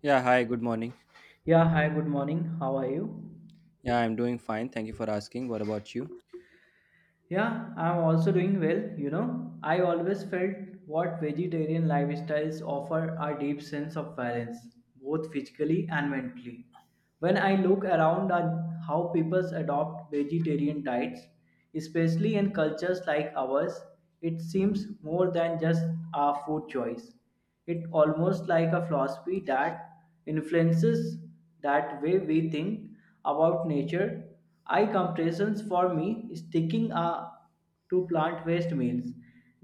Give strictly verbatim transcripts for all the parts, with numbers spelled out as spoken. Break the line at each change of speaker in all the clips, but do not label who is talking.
Yeah, hi, good morning.
Yeah, hi, good morning. How are you?
Yeah, I'm doing fine. Thank you for asking. What about you?
Yeah, I'm also doing well. You know, I always felt what vegetarian lifestyles offer a deep sense of balance, both physically and mentally. When I look around at how people adopt vegetarian diets, especially in cultures like ours, it seems more than just a food choice. It almost like a philosophy that influences that way we think about nature. I comparisons for me sticking a, to plant based meals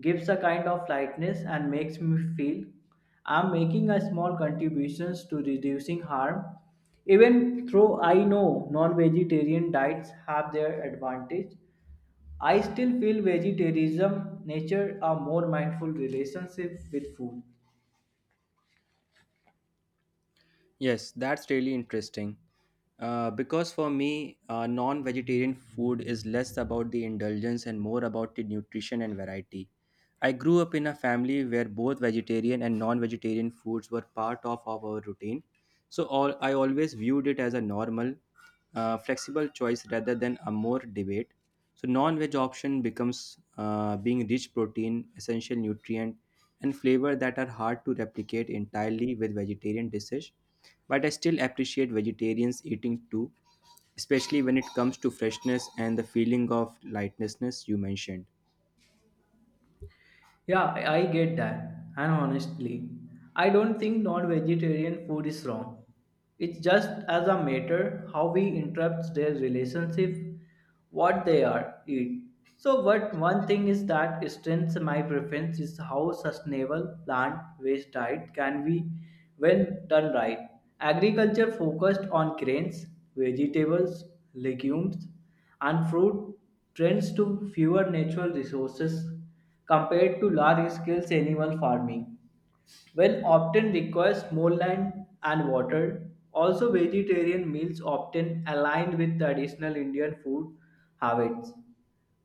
gives a kind of lightness and makes me feel I'm making a small contributions to reducing harm. Even though I know non-vegetarian diets have their advantage, I still feel vegetarianism nature a more mindful relationship with food.
Yes, that's really interesting. Uh, because for me, uh, non vegetarian food is less about the indulgence and more about the nutrition and variety. I grew up in a family where both vegetarian and non vegetarian foods were part of our routine. So all, I always viewed it as a normal, uh, flexible choice rather than a more debate. So non veg option becomes uh, being rich protein, essential nutrient, and flavor that are hard to replicate entirely with vegetarian dishes, but I still appreciate vegetarians eating too, especially when it comes to freshness and the feeling of lightness you mentioned.
Yeah, I I get that. And honestly, I don't think non-vegetarian food is wrong. It's just as a matter how we interrupt their relationship, what they are eat. So what one thing is that strengths my preference is how sustainable plant-based diet can be when done right. Agriculture focused on grains, vegetables, legumes, and fruit trends to fewer natural resources compared to large scale animal farming, when often requires more land and water. Also, vegetarian meals often aligned with traditional Indian food habits,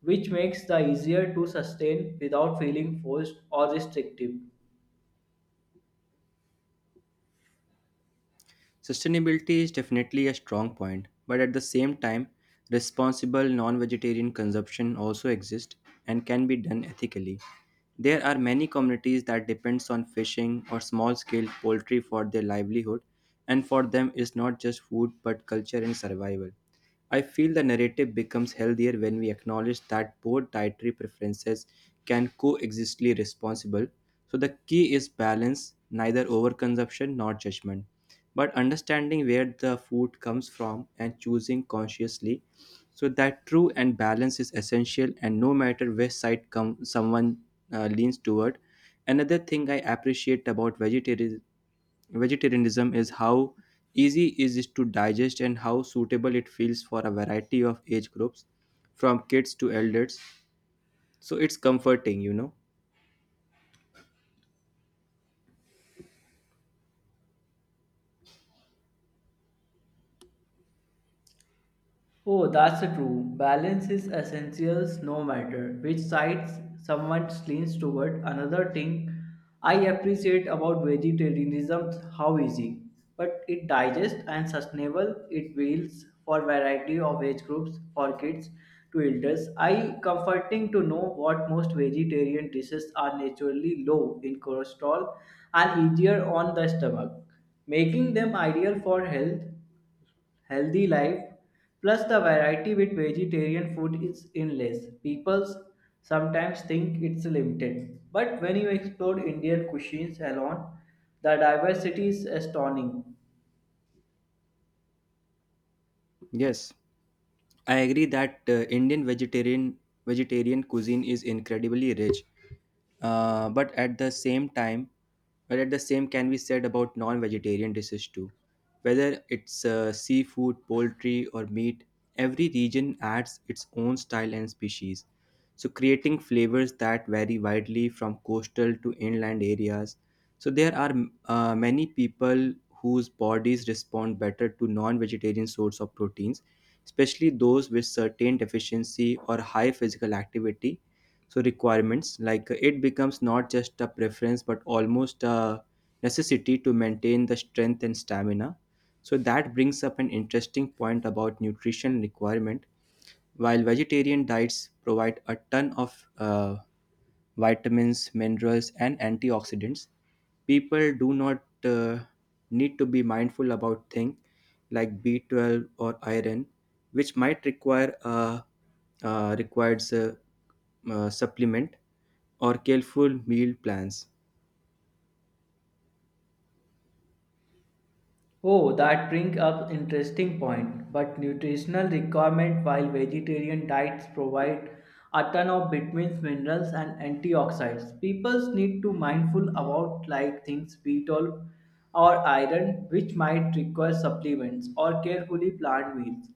which makes the easier to sustain without feeling forced or restrictive.
Sustainability is definitely a strong point, but at the same time, responsible non vegetarian consumption also exists and can be done ethically. There are many communities that depends on fishing or small scale poultry for their livelihood, and for them it's not just food but culture and survival. I feel the narrative becomes healthier when we acknowledge that both dietary preferences can coexistly responsible. So the key is balance, neither overconsumption nor judgment, but understanding where the food comes from and choosing consciously. So that true and balance is essential, and no matter which side come someone uh, leans toward. Another thing I appreciate about vegetarian Vegetarianism is how easy it is it to digest and how suitable it feels for a variety of age groups, from kids to elders. So it's comforting, you know.
Oh, that's true. Balance is essential no matter which side someone leans toward. Another thing I appreciate about vegetarianism is how easy, but it digests and sustainable it meals for variety of age groups, for kids to elders. I comforting to know what most vegetarian dishes are naturally low in cholesterol and easier on the stomach, making them ideal for health healthy life plus the variety with vegetarian food is endless. People sometimes think it's limited, but when you explore Indian cuisines alone, the diversity is astounding.
Yes. I agree that uh, Indian vegetarian vegetarian cuisine is incredibly rich, uh, but at the same time, but at the same can be said about non-vegetarian dishes too. Whether it's uh, seafood, poultry, or meat, every region adds its own style and species. So creating flavors that vary widely from coastal to inland areas. So there are uh, many people whose bodies respond better to non-vegetarian source of proteins, especially those with certain deficiency or high physical activity, so requirements like uh, it becomes not just a preference but almost a necessity to maintain the strength and stamina. So that brings up an interesting point about nutrition requirement while vegetarian diets provide a ton of uh, vitamins, minerals, and antioxidants. People do not uh, need to be mindful about things like B twelve or iron, which might require a uh, requires a, uh supplement or careful meal plans.
Oh, that brings up interesting point. But nutritional requirement while vegetarian diets provide a ton of vitamins, minerals, and antioxidants, people need to mindful about like things B twelve or iron, which might require supplements or carefully planned meals.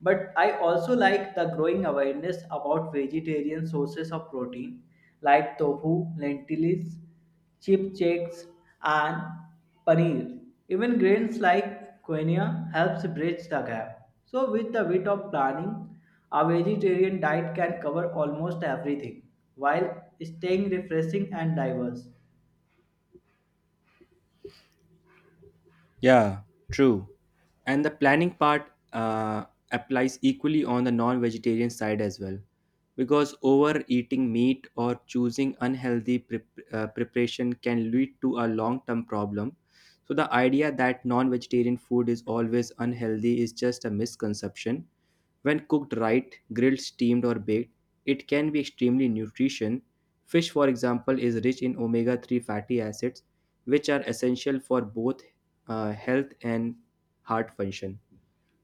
But I also like the growing awareness about vegetarian sources of protein like tofu, lentils, chipchaks and paneer. Even grains like quinoa helps bridge the gap. So with a bit of planning, a vegetarian diet can cover almost everything while staying refreshing and diverse.
Yeah, true. And the planning part uh, applies equally on the non vegetarian side as well. Because overeating meat or choosing unhealthy prep uh, preparation can lead to a long term problem. So, the idea that non vegetarian food is always unhealthy is just a misconception. When cooked right, grilled, steamed, or baked, it can be extremely nutrition. Fish, for example, is rich in omega three fatty acids, which are essential for both uh, health and heart function.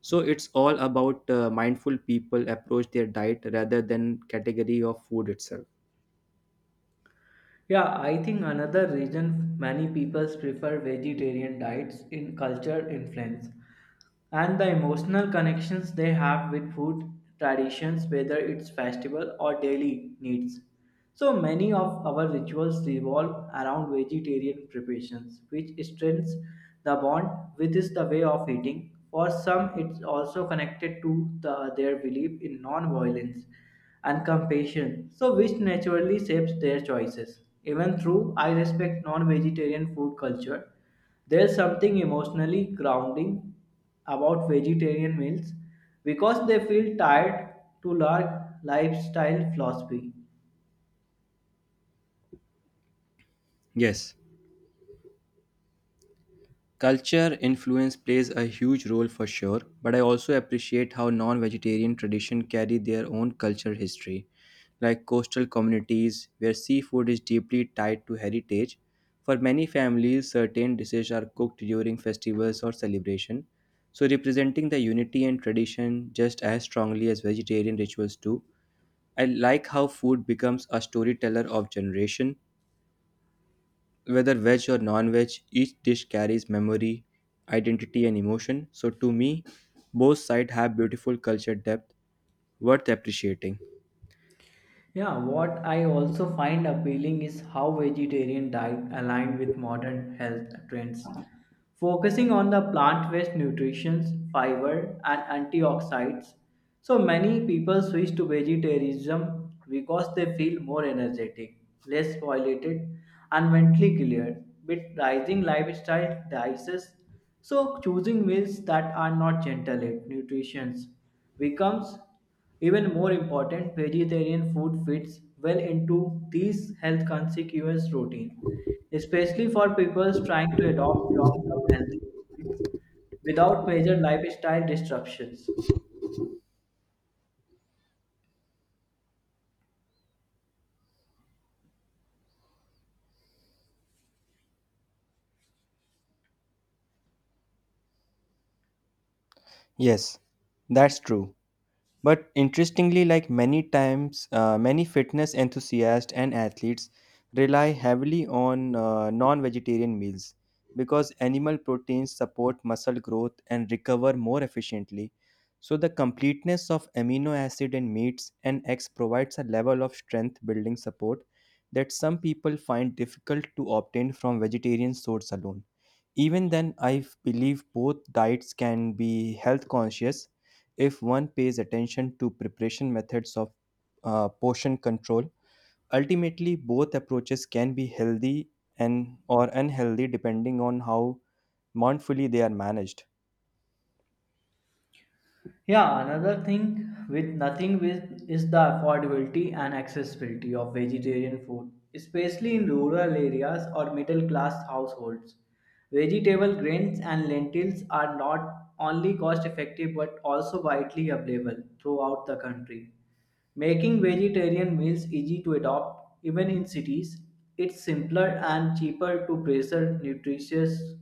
So it's all about uh, mindful people approach their diet rather than category of food itself.
Yeah, I think another reason many people prefer vegetarian diets in culture influence and the emotional connections they have with food traditions, whether it's festival or daily needs. So many of our rituals revolve around vegetarian preparations, which strengthens the bond with is the way of eating. For some, it's also connected to the, their belief in non-violence and compassion, so which naturally shapes their choices. Even though I respect non-vegetarian food culture, there's something emotionally grounding about vegetarian meals because they feel tied to large lifestyle philosophy.
Yes. Culture influence plays a huge role for sure, but I also appreciate how non-vegetarian tradition carry their own culture history, like coastal communities where seafood is deeply tied to heritage. For many families, certain dishes are cooked during festivals or celebration, so representing the unity and tradition just as strongly as vegetarian rituals do. I like how food becomes a storyteller of generation, whether veg or non veg, each dish carries memory, identity, and emotion. So, to me, both sides have beautiful culture depth worth appreciating.
Yeah, what I also find appealing is how vegetarian diet align with modern health trends, focusing on the plant-based nutrition, fiber, and antioxidants. So many people switch to vegetarianism because they feel more energetic, less violated, and mentally clear. With rising lifestyle prices, so choosing meals that are not gentle in nutrition becomes even more important, vegetarian food fits well into these health conscious routine, especially for people trying to adopt long-term healthy habits without major lifestyle disruptions.
Yes, that's true. But interestingly, like many times, uh, many fitness enthusiasts and athletes rely heavily on uh, non vegetarian meals because animal proteins support muscle growth and recover more efficiently. So, the completeness of amino acid in meats and eggs provides a level of strength building support that some people find difficult to obtain from vegetarian source alone. Even then, I believe both diets can be health conscious if one pays attention to preparation methods of uh, portion control. Ultimately, both approaches can be healthy and or unhealthy depending on how mindfully they are managed.
Yeah, another thing with nothing with is the affordability and accessibility of vegetarian food, especially in rural areas or middle class households. Vegetable grains and lentils are not only cost effective but also widely available throughout the country. Making vegetarian meals easy to adopt even in cities, it's simpler and cheaper to preserve nutritious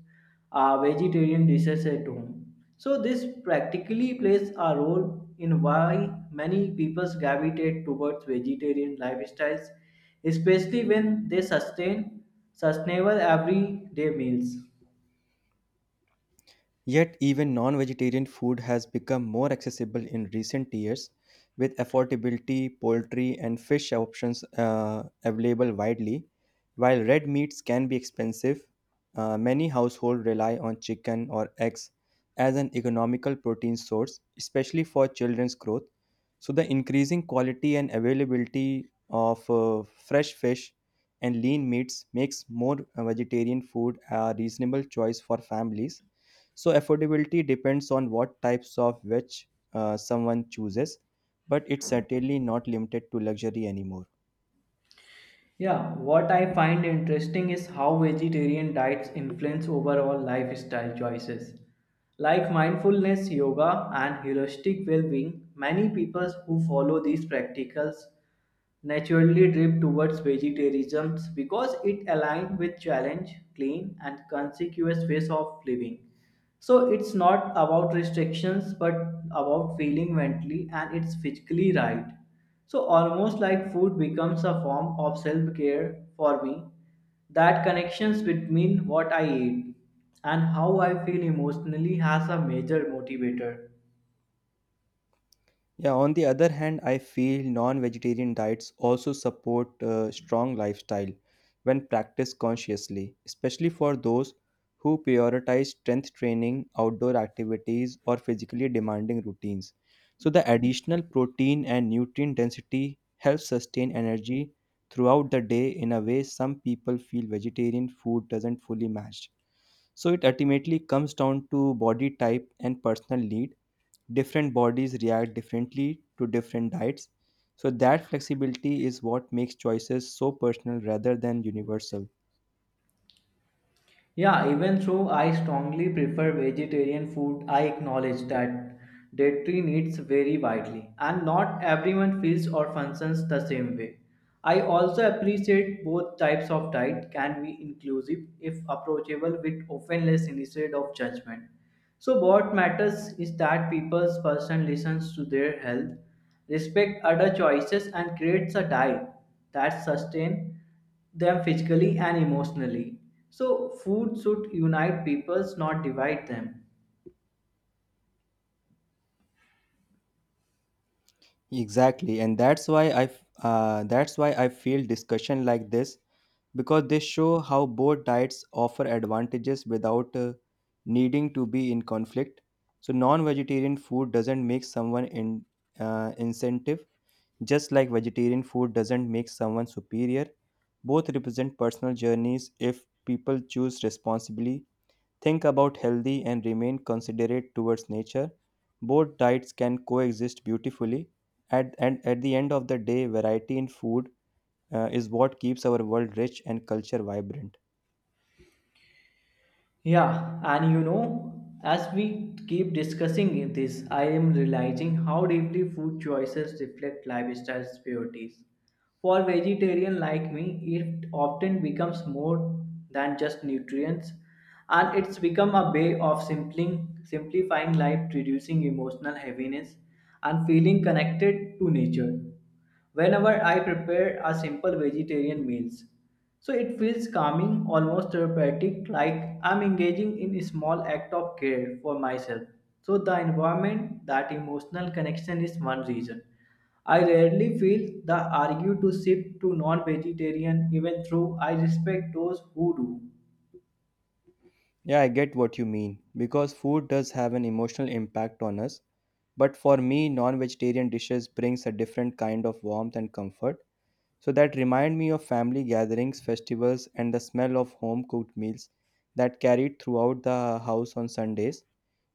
uh, vegetarian dishes at home. So, this practically plays a role in why many people gravitate towards vegetarian lifestyles, especially when they sustain sustainable everyday meals.
Yet, even non vegetarian food has become more accessible in recent years, with affordability, poultry, and fish options uh, available widely. While red meats can be expensive, uh, many households rely on chicken or eggs as an economical protein source, especially for children's growth. So, the increasing quality and availability of uh, fresh fish and lean meats makes more uh, vegetarian food a reasonable choice for families. So affordability depends on what types of which uh, someone chooses, but it's certainly not limited to luxury anymore.
Yeah, what I find interesting is how vegetarian diets influence overall lifestyle choices. Like mindfulness, yoga, and holistic well being, many people who follow these practicals naturally drift towards vegetarianism because it aligns with challenge, clean, and consequous ways of living. So it's not about restrictions but about feeling mentally and it's physically right. So, almost like food becomes a form of self care for me, that connections between what I eat and how I feel emotionally has a major motivator.
Yeah, on the other hand, I feel non vegetarian diets also support a strong lifestyle when practiced consciously, especially for those who prioritize strength training, outdoor activities, or physically demanding routines. So, the additional protein and nutrient density helps sustain energy throughout the day in a way some people feel vegetarian food doesn't fully match. So, it ultimately comes down to body type and personal needs. Different bodies react differently to different diets. So, that flexibility is what makes choices so personal rather than universal.
Yeah, even though I strongly prefer vegetarian food, I acknowledge that dietary needs vary widely and not everyone feels or functions the same way. I also appreciate both types of diet can be inclusive if approachable with offense instead of judgment. So what matters is that people's person listens to their health, respect other choices and creates a diet that sustains them physically and emotionally. So, food should unite peoples, not divide them.
Exactly, and that's why I f- uh, that's why I feel discussion like this because they show how both diets offer advantages without uh, needing to be in conflict. So non-vegetarian food doesn't make someone in uh, incentive. Just like vegetarian food doesn't make someone superior, both represent personal journeys if people choose responsibly, think about healthy, and remain considerate towards nature. Both diets can coexist beautifully. At, and at the end of the day, variety in food uh, is what keeps our world rich and culture vibrant.
Yeah, and you know, as we keep discussing this, I am realizing how deeply food choices reflect lifestyle priorities. For vegetarian like me, it often becomes more than just nutrients, and it's become a way of simpling, simplifying life, reducing emotional heaviness, and feeling connected to nature. Whenever I prepare a simple vegetarian meals. So it feels calming, almost therapeutic, like I'm engaging in a small act of care for myself. So the environment, that emotional connection is one reason. I rarely feel the argue to shift to non-vegetarian even though I respect those who do.
Yeah, I get what you mean because food does have an emotional impact on us. But for me, non vegetarian dishes brings a different kind of warmth and comfort. So that remind me of family gatherings, festivals, and the smell of home cooked meals that carried throughout the house on Sundays.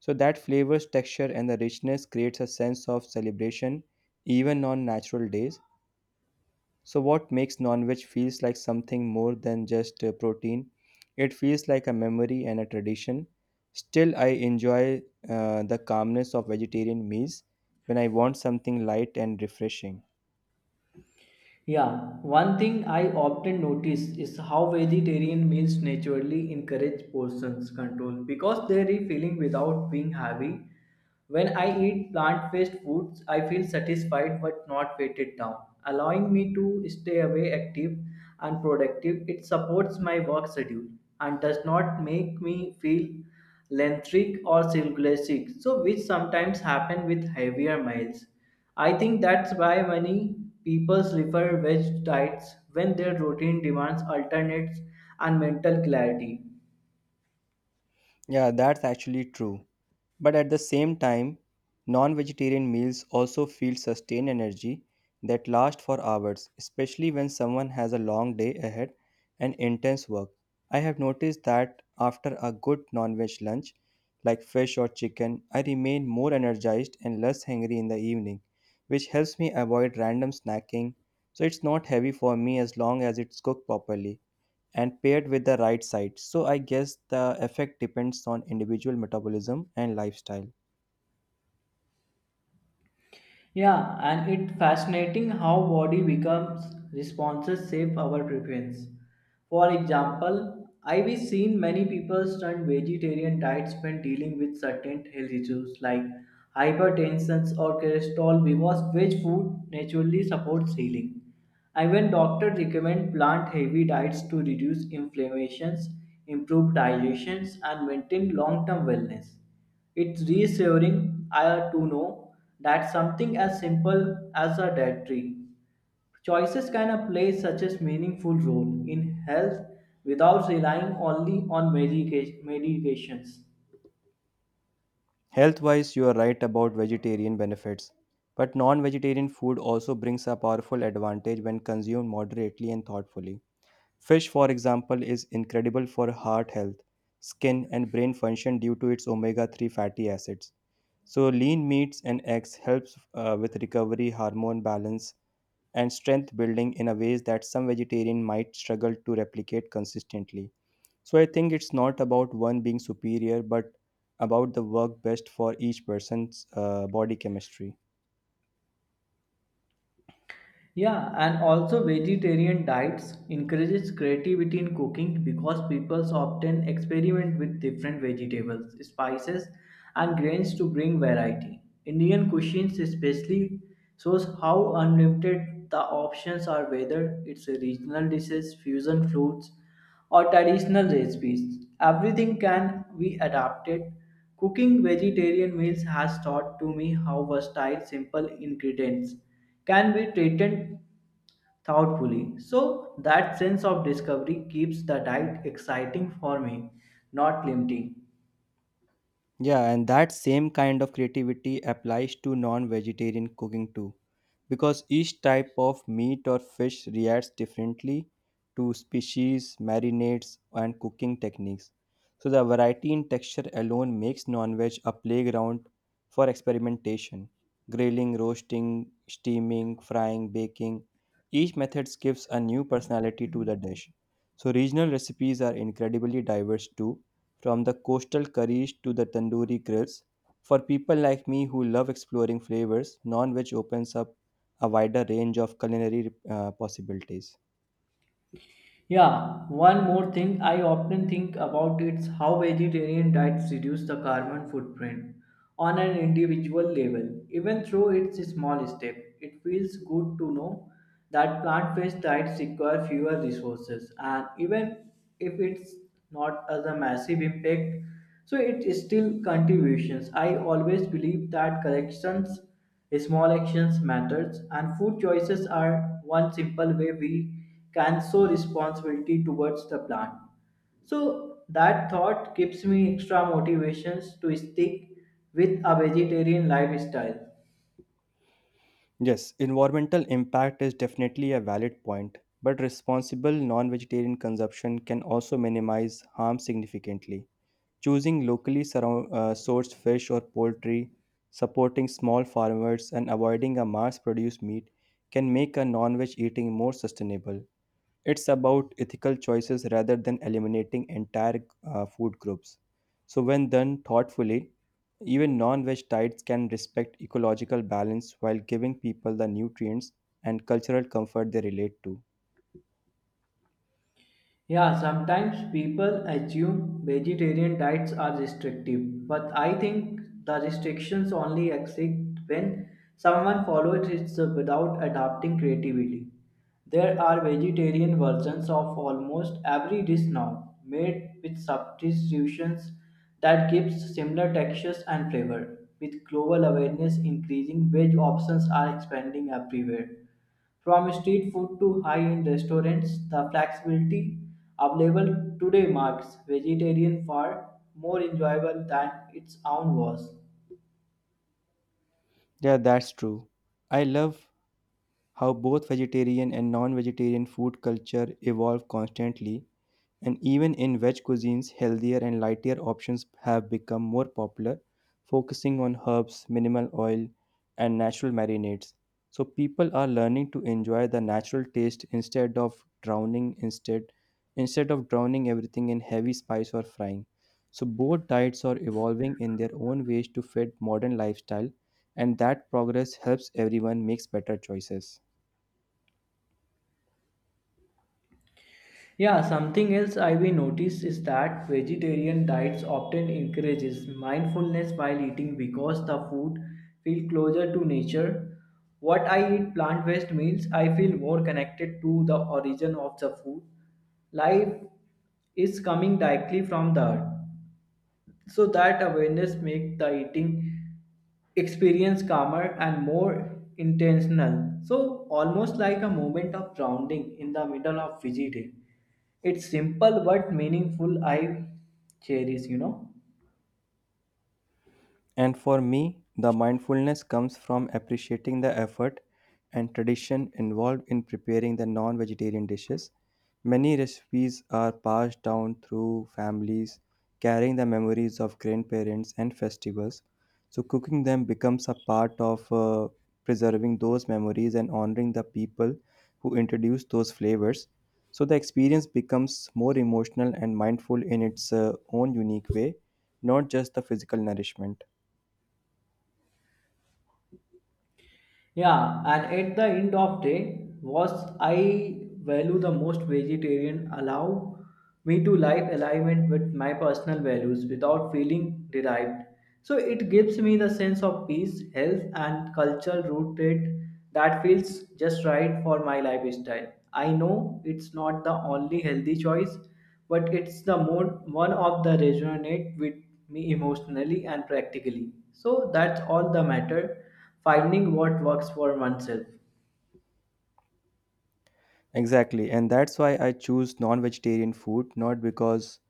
So that flavors, texture, and the richness creates a sense of celebration even on natural days. So what makes non-veg feels like something more than just uh, protein? It feels like a memory and a tradition. Still, I enjoy uh, the calmness of vegetarian meals when I want something light and refreshing.
Yeah, one thing I often notice is how vegetarian meals naturally encourage portions control because they're filling without being heavy. When I eat plant based foods, I feel satisfied but not weighted down, allowing me to stay away active and productive. It supports my work schedule and does not make me feel lethargic or circulating, so which sometimes happen with heavier meals. I think that's why many people prefer veg diets when their routine demands alternates and mental clarity.
Yeah, that's actually true. But at the same time, non vegetarian meals also feel sustained energy that lasts for hours, especially when someone has a long day ahead and intense work. I have noticed that after a good non veg lunch, like fish or chicken, I remain more energized and less hungry in the evening, which helps me avoid random snacking. So it's not heavy for me as long as it's cooked properly and paired with the right side. So I guess the effect depends on individual metabolism and lifestyle.
Yeah, and it's fascinating how body becomes responses shape our preference. For example, I've seen many people turn vegetarian diets when dealing with certain health issues like hypertension or cholesterol because veg food naturally supports healing. And when doctors recommend plant-heavy diets to reduce inflammations, improve digestions, and maintain long-term wellness. It's reassuring I to know that something as simple as a dietary choices can uh, play such a meaningful role in health without relying only on medica- medications.
Health wise, you are right about vegetarian benefits, but non vegetarian food also brings a powerful advantage when consumed moderately and thoughtfully. Fish, for example, is incredible for heart health, skin, and brain function due to its omega three fatty acids. So, lean meats and eggs helps uh, with recovery, hormone balance, and strength building in a ways that some vegetarian might struggle to replicate consistently. So I think it's not about one being superior, but about the work best for each person's uh, body chemistry.
Yeah, and also vegetarian diets encourages creativity in cooking because people often experiment with different vegetables, spices, and grains to bring variety. Indian cuisines especially shows how unlimited the options are whether it's regional dishes, fusion foods, or traditional recipes. Everything can be adapted. Cooking vegetarian meals has taught to me how versatile simple ingredients can be treated thoughtfully. So that sense of discovery keeps the diet exciting for me, not limiting.
Yeah, and that same kind of creativity applies to non vegetarian cooking too, because each type of meat or fish reacts differently to species, marinades, and cooking techniques. So, the variety in texture alone makes non veg a playground for experimentation. Grilling, roasting, steaming, frying, baking, each method gives a new personality to the dish. So, regional recipes are incredibly diverse too, from the coastal curries to the tandoori grills. For people like me who love exploring flavors, non veg opens up a wider range of culinary uh, possibilities.
Yeah, one more thing I often think about is how vegetarian diets reduce the carbon footprint on an individual level. Even though it's a small step, it feels good to know that plant-based diets require fewer resources and even if it's not as a massive impact, so it is still contributions. I always believe that corrections, small actions matters and food choices are one simple way we can show responsibility towards the plant. So that thought gives me extra motivations to stick with a vegetarian lifestyle.
Yes, environmental impact is definitely a valid point, but responsible non vegetarian consumption can also minimize harm significantly. Choosing locally surround, uh, sourced fish or poultry, supporting small farmers, and avoiding a mass produced meat can make a non veg eating more sustainable. It's about ethical choices rather than eliminating entire uh, food groups. So, when done thoughtfully, even non veg diets can respect ecological balance while giving people the nutrients and cultural comfort they relate to.
Yeah, sometimes people assume vegetarian diets are restrictive, but I think the restrictions only exist when someone follows it without adapting creatively. There are vegetarian versions of almost every dish now, made with substitutions that gives similar textures and flavor. With global awareness increasing, veg options are expanding everywhere. From street food to high-end restaurants, the flexibility available today marks vegetarian far more enjoyable than its own was.
Yeah, that's true. I love how both vegetarian and non vegetarian food culture evolve constantly. And even in veg cuisines, healthier and lighter options have become more popular, focusing on herbs, minimal oil, and natural marinades. So people are learning to enjoy the natural taste instead of drowning instead instead of drowning everything in heavy spice or frying. So both diets are evolving in their own ways to fit modern lifestyle, and that progress helps everyone makes better choices.
Yeah, something else I we noticed is that vegetarian diets often encourages mindfulness while eating because the food feel closer to nature. What I eat plant-based meals, I feel more connected to the origin of the food. Life is coming directly from the earth. So that awareness makes the eating experience calmer and more intentional, so almost like a moment of grounding in the middle of busy day. It's simple but meaningful I cherish, you know.
And for me, the mindfulness comes from appreciating the effort and tradition involved in preparing the non vegetarian dishes. Many recipes are passed down through families, carrying the memories of grandparents and festivals. So, cooking them becomes a part of uh, preserving those memories and honoring the people who introduced those flavors. So, the experience becomes more emotional and mindful in its uh, own unique way, not just the physical nourishment.
Yeah, and at the end of day, what I value the most vegetarian allow me to live alignment with my personal values without feeling derived. So it gives me the sense of peace, health, and cultural rooted that feels just right for my lifestyle. I know it's not the only healthy choice, but it's the more one of the resonate with me emotionally and practically. So that's all the matter finding what works for oneself.
Exactly, and that's why I choose non-vegetarian food, not because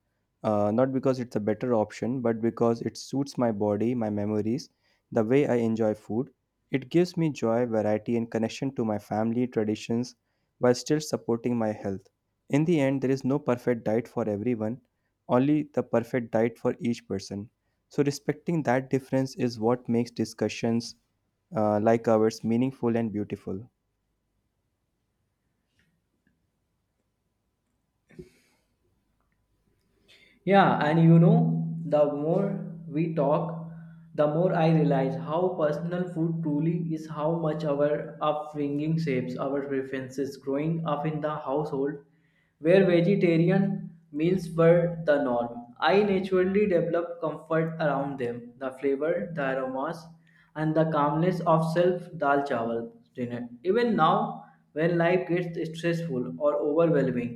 uh, not because it's a better option, but because it suits my body, my memories, the way I enjoy food. It gives me joy, variety, and connection to my family traditions while still supporting my health. In the end, there is no perfect diet for everyone, only the perfect diet for each person. So respecting that difference is what makes discussions uh, like ours meaningful and beautiful.
Yeah, and you know, the more we talk, the more I realize how personal food truly is how much our upbringing shapes our preferences. Growing up in the household where vegetarian meals were the norm, I naturally developed comfort around them, the flavor, the aromas, and the calmness of self dal chawal dinner. Even now, when life gets stressful or overwhelming,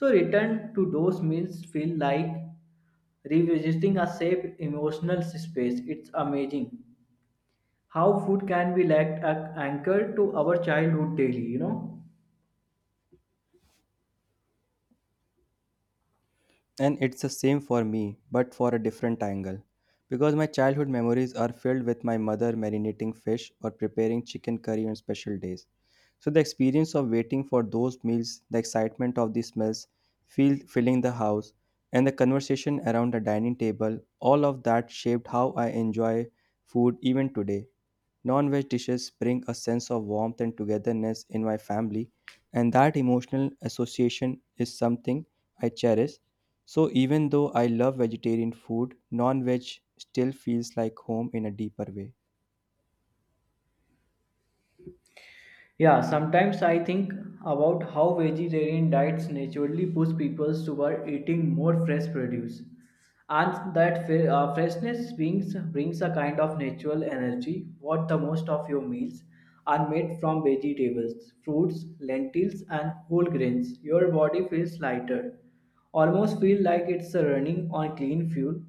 so return to those meals feel like revisiting a safe emotional space. It's amazing how food can be like an anchor to our childhood daily, you know.
And it's the same for me, but for a different angle. Because my childhood memories are filled with my mother marinating fish or preparing chicken curry on special days. So the experience of waiting for those meals, the excitement of the smells, feel, filling the house, and the conversation around the dining table, all of that shaped how I enjoy food even today. Non veg dishes bring a sense of warmth and togetherness in my family, and that emotional association is something I cherish. So, even though I love vegetarian food, non veg still feels like home in a deeper way.
Yeah, sometimes I think about how vegetarian diets naturally push people toward eating more fresh produce, and that fre- uh, freshness brings, brings a kind of natural energy. What the most of your meals are made from vegetables, fruits, lentils, and whole grains. Your body feels lighter, almost feel like it's running on clean fuel.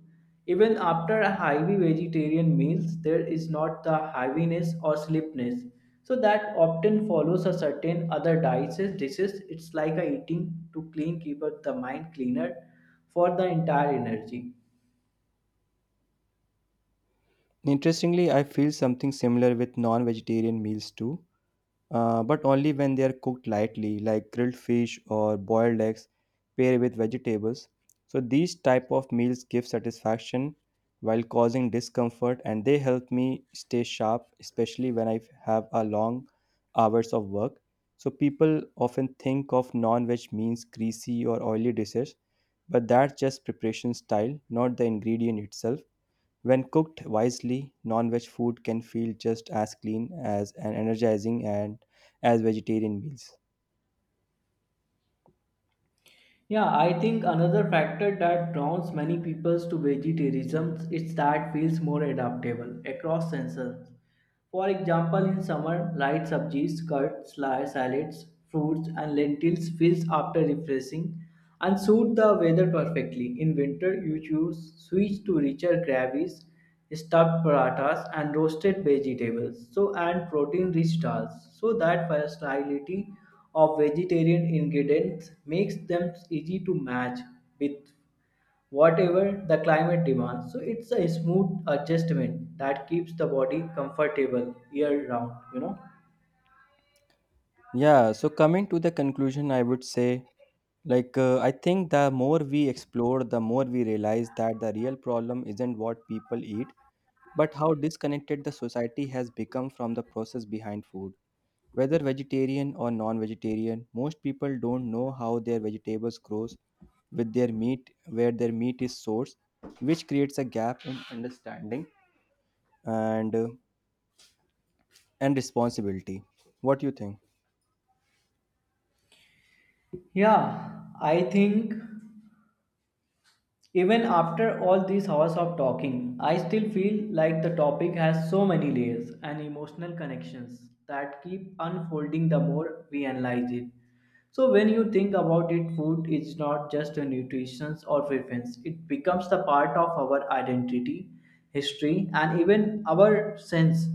Even after heavy vegetarian meals, there is not the heaviness or sleepiness. So that often follows a certain other diets dishes. It's like a eating to clean keep up the mind cleaner for the entire energy.
Interestingly, I feel something similar with non vegetarian meals too, uh, but only when they are cooked lightly, like grilled fish or boiled eggs paired with vegetables. So these type of meals give satisfaction while causing discomfort, and they help me stay sharp, especially when I have a long hours of work. So people often think of non-veg means greasy or oily dishes, but that's just preparation style, not the ingredient itself. When cooked wisely, non veg food can feel just as clean as and energizing and as vegetarian meals.
Yeah, I think another factor that draws many people to vegetarianism is that feels more adaptable across seasons. For example, in summer, light subjis, curds, sli- salads, fruits, and lentils feels after refreshing and suit the weather perfectly. In winter, you choose switch to richer gravies stuffed parathas and roasted vegetables so and protein rich dals, so that versatility of vegetarian ingredients makes them easy to match with whatever the climate demands, so it's a smooth adjustment that keeps the body comfortable year round, you know.
Yeah, so coming to the conclusion, I would say like uh, I think the more we explore, the more we realize that the real problem isn't what people eat, but how disconnected the society has become from the process behind food. Whether vegetarian or non-vegetarian, most people don't know how their vegetables grows with their meat, where their meat is sourced, which creates a gap in understanding and uh, and responsibility. What do you think?
Yeah, I think even after all these hours of talking, I still feel like the topic has so many layers and emotional connections that keep unfolding the more we analyze it. So when you think about it, food is not just a nutrition or preference. It becomes the part of our identity, history, and even our sense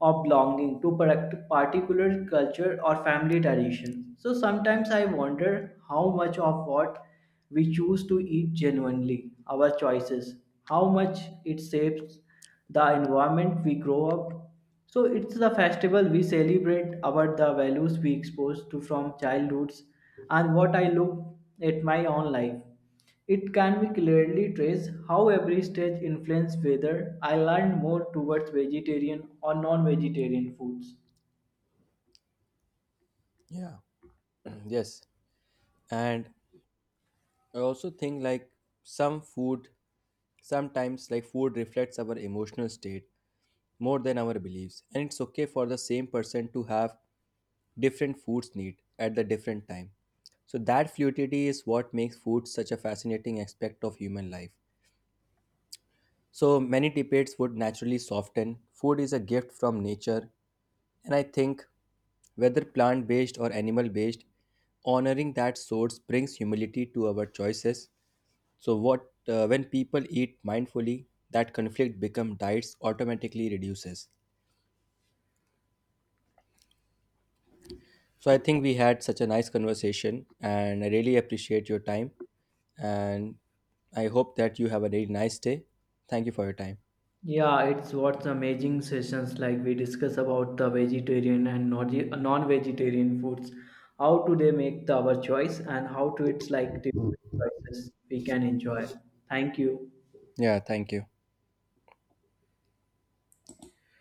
of belonging to par- particular culture or family tradition. So sometimes I wonder how much of what we choose to eat genuinely, our choices, how much it shapes the environment we grow up. So it's the festival we celebrate about the values we expose to from childhoods and what I look at my own life. It can be clearly traced how every stage influenced whether I learned more towards vegetarian or non-vegetarian foods.
Yeah, yes. And I also think like some food, sometimes like food reflects our emotional state more than our beliefs. And it's okay for the same person to have different foods need at the different time. So that fluidity is what makes food such a fascinating aspect of human life. So many debates would naturally soften. Food is a gift from nature, and I think whether plant based or animal based, honoring that source brings humility to our choices. So, what uh, when people eat mindfully, that conflict become diets automatically reduces. So, I think we had such a nice conversation, and I really appreciate your time. And I hope that you have a really nice day. Thank you for your time.
Yeah, it's what's amazing sessions like we discuss about the vegetarian and non- vegetarian foods, how do they make the, our choice and how to it's like different choices we can enjoy. Thank you.
Yeah, thank you.